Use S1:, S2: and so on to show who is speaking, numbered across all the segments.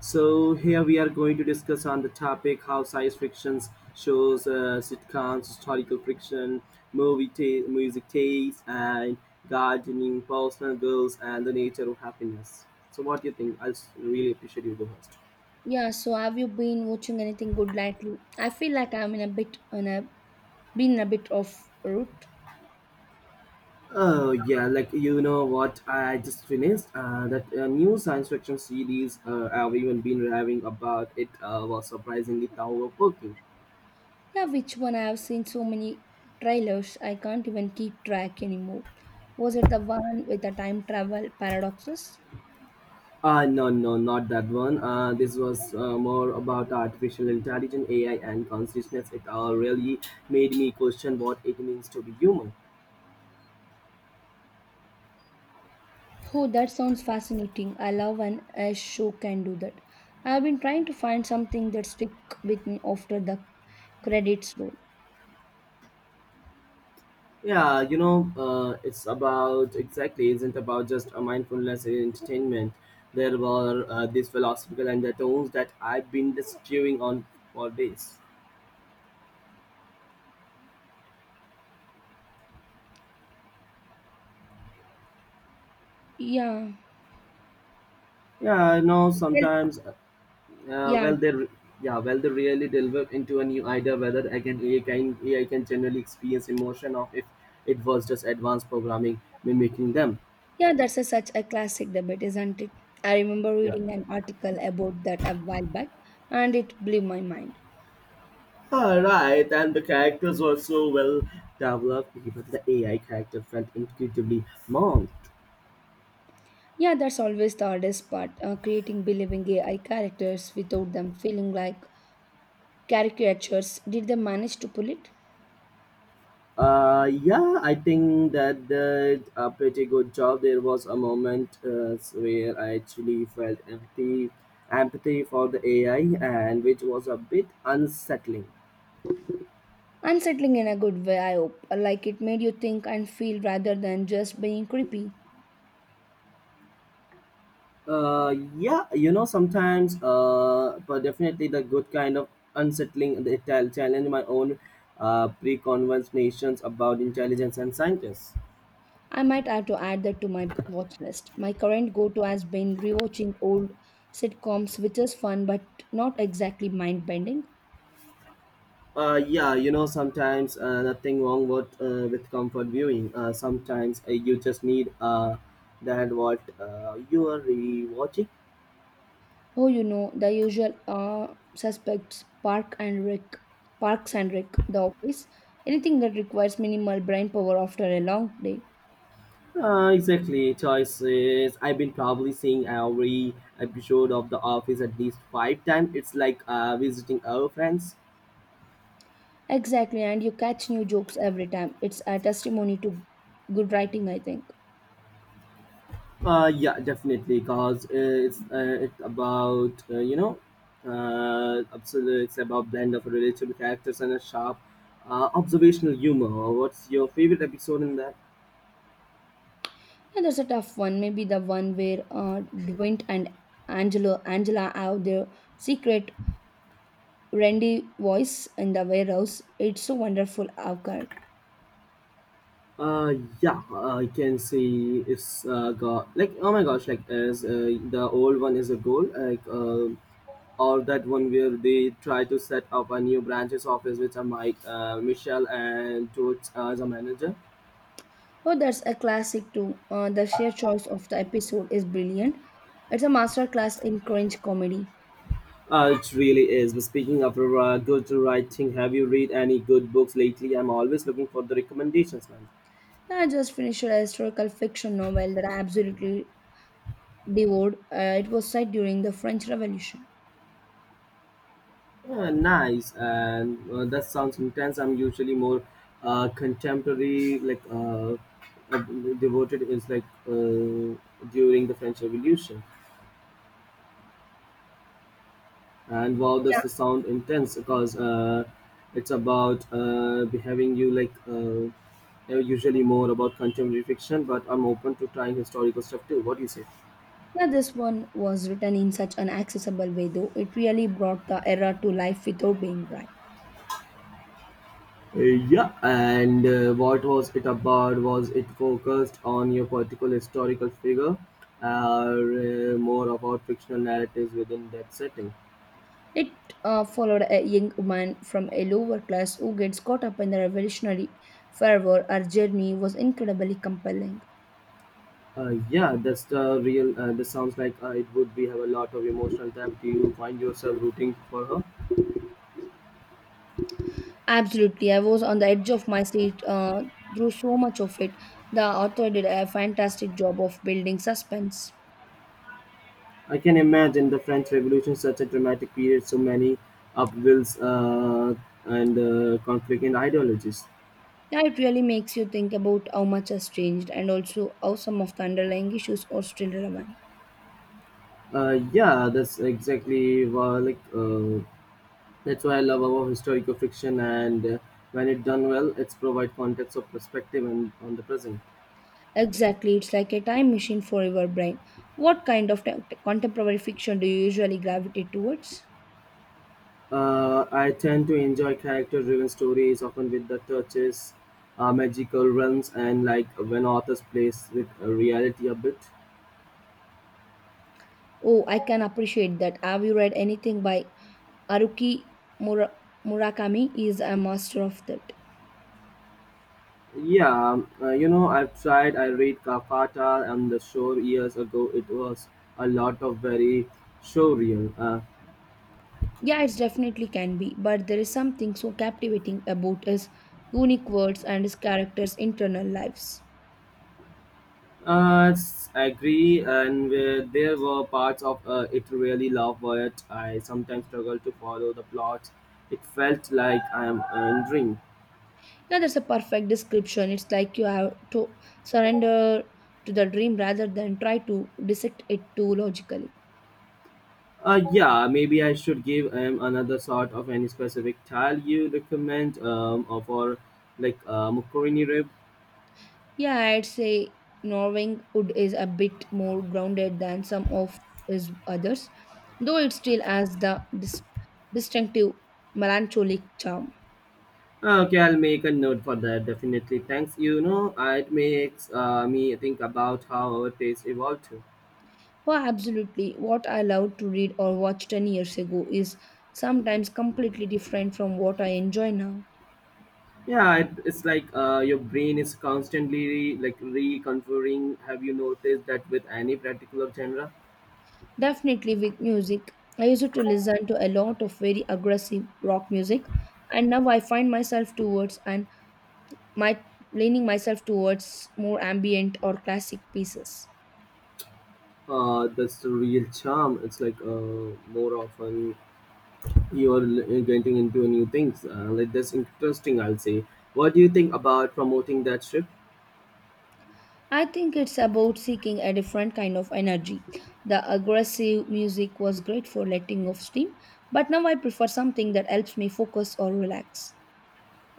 S1: So here we are going to discuss on the topic how science fictions shows, sitcoms, historical fiction, music taste, and gardening, personal goals, and the nature of happiness. So what do you think? I really appreciate you, the host.
S2: Yeah, so have you been watching anything good lately? I feel like I'm in a bit on a been in a bit of route.
S1: Oh yeah, like you know what I just finished that new science fiction series I've even been raving about. It was surprisingly thought-provoking.
S2: Yeah, which one? I have seen so many trailers I can't even keep track anymore. Was it the one with the time travel paradoxes?
S1: No, no, not that one. This was more about artificial intelligence, AI, and consciousness. It really made me question what it means to be human.
S2: Oh, that sounds fascinating. I love when a show can do that. I've been trying to find something that stick with me after the credits roll.
S1: It's about exactly isn't about just a mindfulness entertainment. There were these philosophical undertones that I've been just chewing on for days.
S2: Yeah.
S1: Yeah, I know
S2: Tell,
S1: sometimes. Uh,
S2: yeah.
S1: well, they re- yeah, well they really delve into a new idea whether again AI can generally experience emotion of if it was just advanced programming mimicking them.
S2: Yeah, that's such a classic debate, isn't it? I remember
S1: Yeah.
S2: reading an article about that a while back, and it blew my mind.
S1: Alright, and the characters were so well developed, even the AI character felt incredibly wrong.
S2: Yeah, that's always the hardest part, creating believing AI characters without them feeling like caricatures. Did they manage to pull it?
S1: Yeah, I think that did a pretty good job. There was a moment where I actually felt empathy for the AI, and which was a bit unsettling.
S2: Unsettling in a good way, I hope. Like it made you think and feel rather than just being creepy.
S1: Yeah, sometimes, but definitely the good kind of unsettling the challenge my own pre about intelligence and scientists.
S2: I might have to add that to my watch list. My current go to has been rewatching old sitcoms, which is fun but not exactly mind bending.
S1: Yeah, sometimes nothing wrong with comfort viewing. Sometimes you just need that what you are really watching.
S2: Oh, you know, the usual suspects, Parks and Rick, The Office, anything that requires minimal brain power after a long day.
S1: Exactly, choices. I've been probably seeing every episode of The Office at least five times. It's like visiting our friends.
S2: Exactly, and you catch new jokes every time. It's a testimony to good writing, I think.
S1: Yeah, definitely, because it's about absolutely, it's about blend of relatable characters and a sharp, observational humor. What's your favorite episode in that?
S2: Yeah, that's a tough one. Maybe the one where Dwight and Angela have their secret Randy voice in the warehouse. It's so wonderful, Avkar.
S1: Uh, yeah, I can see it's got like oh my gosh, like as the old one is a goal, or that one where they try to set up a new branch's office with a Mike, Michelle, and George as a manager.
S2: Oh, that's a classic too. The sheer choice of the episode is brilliant. It's a masterclass in cringe comedy.
S1: It really is. But speaking of good writing, have you read any good books lately? I'm always looking for the recommendations, man.
S2: I just finished a historical fiction novel that I absolutely devoured. It was set during the French Revolution.
S1: Yeah, nice. And that sounds intense. I'm usually more contemporary, like uh, devoted is like during the French Revolution. And wow,
S2: Yeah,
S1: does the sound intense because it's about behaving you like usually more about contemporary fiction, but I'm open to trying historical stuff too. What do you say?
S2: yeah, this one was written in such an accessible way, though it really brought the era to life without being dry.
S1: Uh, Yeah, and what was it about? Was it focused on your particular historical figure, or more about fictional narratives within that setting?
S2: It followed a young woman from a lower class who gets caught up in the revolutionary fervor. Her journey was incredibly compelling.
S1: Yeah, that's the real. This sounds like it would be have a lot of emotional depth. Do you find yourself rooting for her?
S2: Absolutely, I was on the edge of my seat through so much of it. The author did a fantastic job of building suspense.
S1: I can imagine the French Revolution, such a dramatic period, so many upwills and conflict in ideologies.
S2: Yeah, it really makes you think about how much has changed and also how some of the underlying issues are still relevant.
S1: Yeah, that's exactly what like. That's why I love about historical fiction, and when it done well, it's provide context of perspective and on the present.
S2: Exactly, it's like a time machine for your brain. What kind of contemporary fiction do you usually gravitate towards?
S1: I tend to enjoy character-driven stories, often with the touches, magical realms, and like when authors plays with reality a bit.
S2: Oh, I can appreciate that. Have you read anything by Haruki Mura- Murakami? He is a master of that.
S1: Yeah, I've tried. I read Kafata and the Shore years ago. It was a lot of very surreal.
S2: Yeah, it definitely can be, but there is something so captivating about his unique words and his character's internal lives.
S1: I agree, and where there were parts of it really love, but I sometimes struggle to follow the plot. It felt like I am wandering.
S2: Yeah, that's a perfect description. It's like you have to surrender to the dream rather than try to dissect it too logically.
S1: Yeah, maybe I should give him another sort of any specific tile you recommend or for like Mukurini rib.
S2: Yeah, I'd say Norwingwood is a bit more grounded than some of his others, though it still has the distinctive melancholic charm.
S1: Okay, I'll make a note for that. Definitely, thanks. It makes me think about how our taste evolved.
S2: Oh, absolutely. What I loved to read or watch 10 years ago is sometimes completely different from what I enjoy now.
S1: Yeah, it's like your brain is constantly like reconfiguring. Have you noticed that with any particular genre?
S2: Definitely with music. I used to listen to a lot of very aggressive rock music, and now I find myself towards and my leaning myself towards more ambient or classic pieces.
S1: That's the real charm. It's like more often you're getting into new things. Like that's interesting, I'll say. What do you think about promoting that shift?
S2: I think it's about seeking a different kind of energy. The aggressive music was great for letting off steam, but now I prefer something that helps me focus or relax.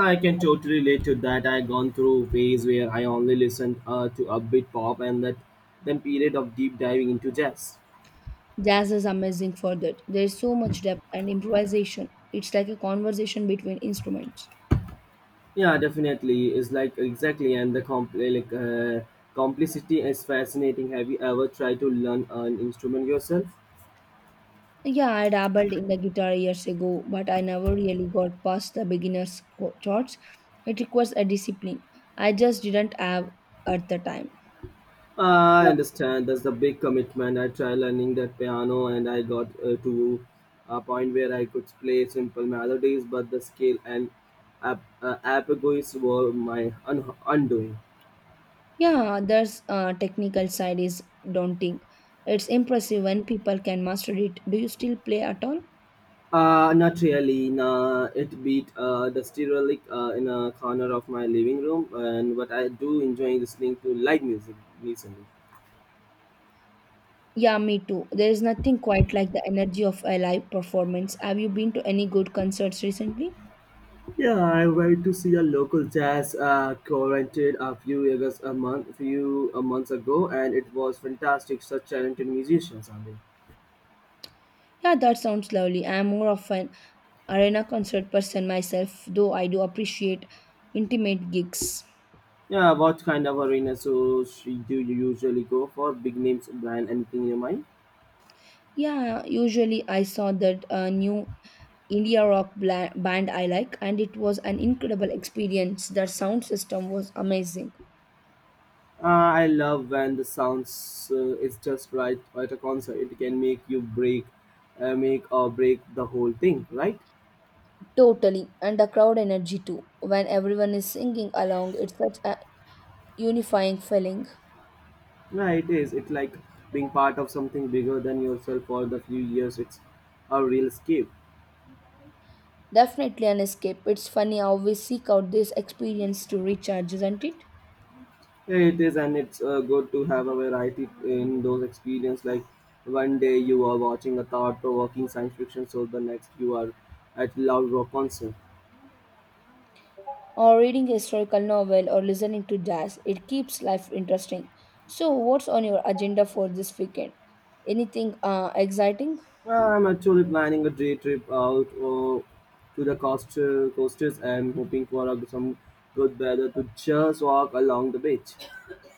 S1: I can totally relate to that. I gone through phase where I only listened to upbeat pop and that then period of deep diving into jazz.
S2: Jazz is amazing for that. There is so much depth and improvisation. It's like a conversation between instruments.
S1: Yeah, definitely. It's like exactly, and the complicity is fascinating. Have you ever tried to learn an instrument yourself?
S2: Yeah, I dabbled in the guitar years ago, but I never really got past the beginner's chords. It requires a discipline. I just didn't have at the time.
S1: I understand that's the big commitment. I tried learning that piano, and I got to a point where I could play simple melodies, but the scale and apagoes were my undoing.
S2: Yeah, there's technical side is daunting. It's impressive when people can master it. Do you still play at all?
S1: Not really. Nah, it beat the stereo lick, in a corner of my living room, and but I do enjoy listening to live music recently.
S2: Yeah, me too. There is nothing quite like the energy of a live performance. Have you been to any good concerts recently?
S1: Yeah, I went to see a local jazz quartet a few years a month, few months ago, and it was fantastic. Such talented musicians, I mean.
S2: Yeah, that sounds lovely. I am more of an arena concert person myself, though I do appreciate intimate gigs.
S1: Yeah, what kind of arena do you usually go for? Big names, brand, anything in your mind?
S2: Yeah, usually I saw that new India rock band I like, and it was an incredible experience. Their sound system was amazing.
S1: I love when the sounds is just right at a concert. It can make you break, make or break the whole thing, right?
S2: Totally, and the crowd energy too. When everyone is singing along, it's such a unifying feeling.
S1: Yeah, it is. It's like being part of something bigger than yourself for the few years. It's a real escape.
S2: Definitely an escape. It's funny how we seek out this experience to recharge, isn't it?
S1: Yeah, it is, and it's good to have a variety in those experiences. Like one day you are watching a thought-provoking science fiction show, the next you are at loud rock concert.
S2: Or reading a historical novel or listening to jazz. It keeps life interesting. So, what's on your agenda for this weekend? Anything exciting?
S1: Well, I'm actually planning a day trip out to the coast, coasters and hoping for some good weather to just walk along the beach.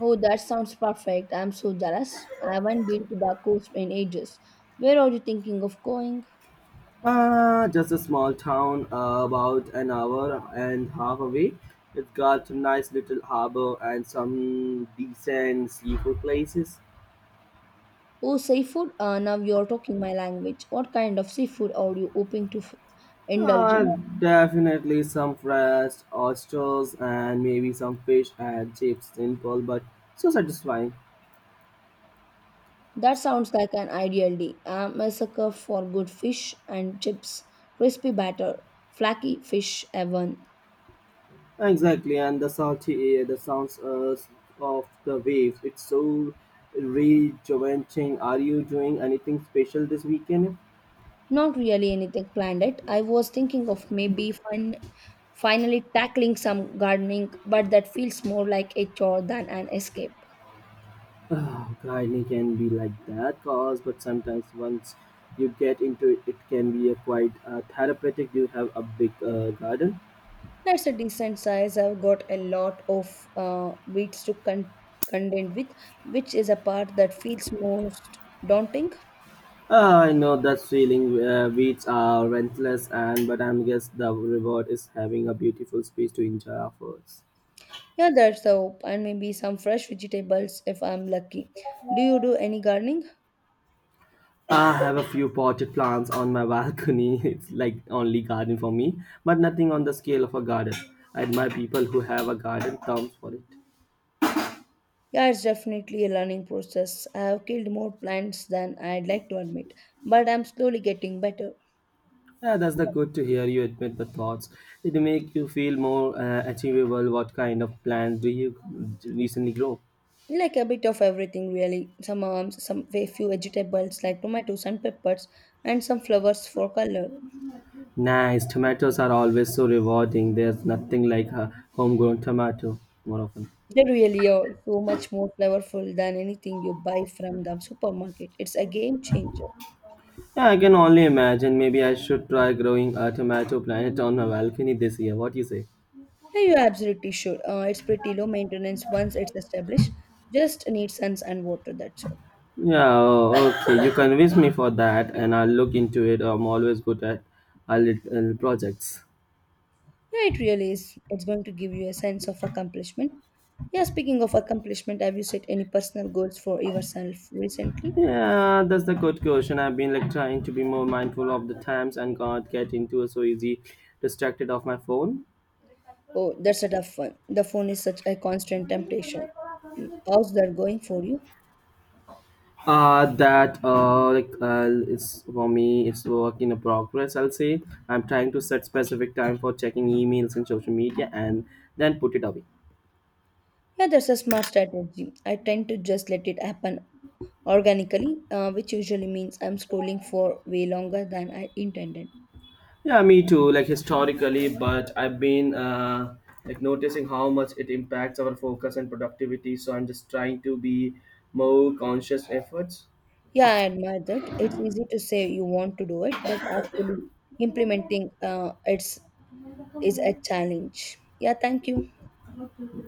S2: Oh, that sounds perfect. I'm so jealous. I haven't been to the coast in ages. Where are you thinking of going?
S1: Just a small town about an hour and half away. It's got a nice little harbor and some decent seafood places.
S2: Oh, seafood? Now you're talking my language. What kind of seafood are you hoping to indulge in?
S1: Definitely some fresh oysters and maybe some fish and chips. Simple but so satisfying.
S2: That sounds like an ideal day. I'm a sucker for good fish and chips, crispy batter, flaky fish heaven.
S1: Exactly, and the salty air, the sounds of the waves. It's so rejuvenating. Are you doing anything special this weekend?
S2: Not really anything planned yet. I was thinking of maybe finally tackling some gardening, but that feels more like a chore than an escape.
S1: Oh, gardening can be like that, cause but sometimes once you get into it, it can be a quite therapeutic. You have a big garden.
S2: That's a decent size. I've got a lot of weeds to contend with, which is a part that feels most daunting.
S1: Ah, I know that feeling. Weeds are rentless, and but I am guess the reward is having a beautiful space to enjoy our efforts.
S2: Yeah, that's the hope, and maybe some fresh vegetables if I'm lucky. Do you do any gardening?
S1: I have a few potted plants on my balcony. It's like only garden for me, but nothing on the scale of a garden. I admire people who have a garden term for it.
S2: Yeah, it's definitely a learning process. I have killed more plants than I'd like to admit, but I'm slowly getting better.
S1: Yeah, that's the good to hear you admit the thoughts. It make you feel more achievable. What kind of plants do you recently grow?
S2: Like a bit of everything, really. Some herbs, some very few vegetables like tomatoes and peppers, and some flowers for color.
S1: Nice. Tomatoes are always so rewarding. There's nothing like a homegrown tomato more often.
S2: They really are so much more flavorful than anything you buy from the supermarket. It's a game changer.
S1: Yeah, I can only imagine. Maybe I should try growing a tomato plant on my balcony this year. What do you say?
S2: Yeah, you're absolutely sure, it's pretty low maintenance once it's established. Just need suns and water, that's all.
S1: Yeah, oh, okay. You convince me for that, and I'll look into it. I'm always good at little projects.
S2: Yeah, it really is. It's going to give you a sense of accomplishment. Yeah, speaking of accomplishment, have you set any personal goals for yourself recently?
S1: Yeah, that's the good question. I've been like trying to be more mindful of the times and can't get into a so easy distracted of my phone.
S2: Oh, that's a tough one. The phone is such a constant temptation. Mm, how's that going for you?
S1: That like It's for me it's work in a progress. I'll say I'm trying to set specific time for checking emails and social media and then put it away.
S2: Yeah, that's a smart strategy. I tend to just let it happen organically, which usually means I'm scrolling for way longer than I intended.
S1: Yeah, me too. Like historically, but I've been like noticing how much it impacts our focus and productivity. So I'm just trying to be more conscious efforts.
S2: Yeah, I admire that. It's easy to say you want to do it, but actually implementing it's is a challenge. Yeah, thank you.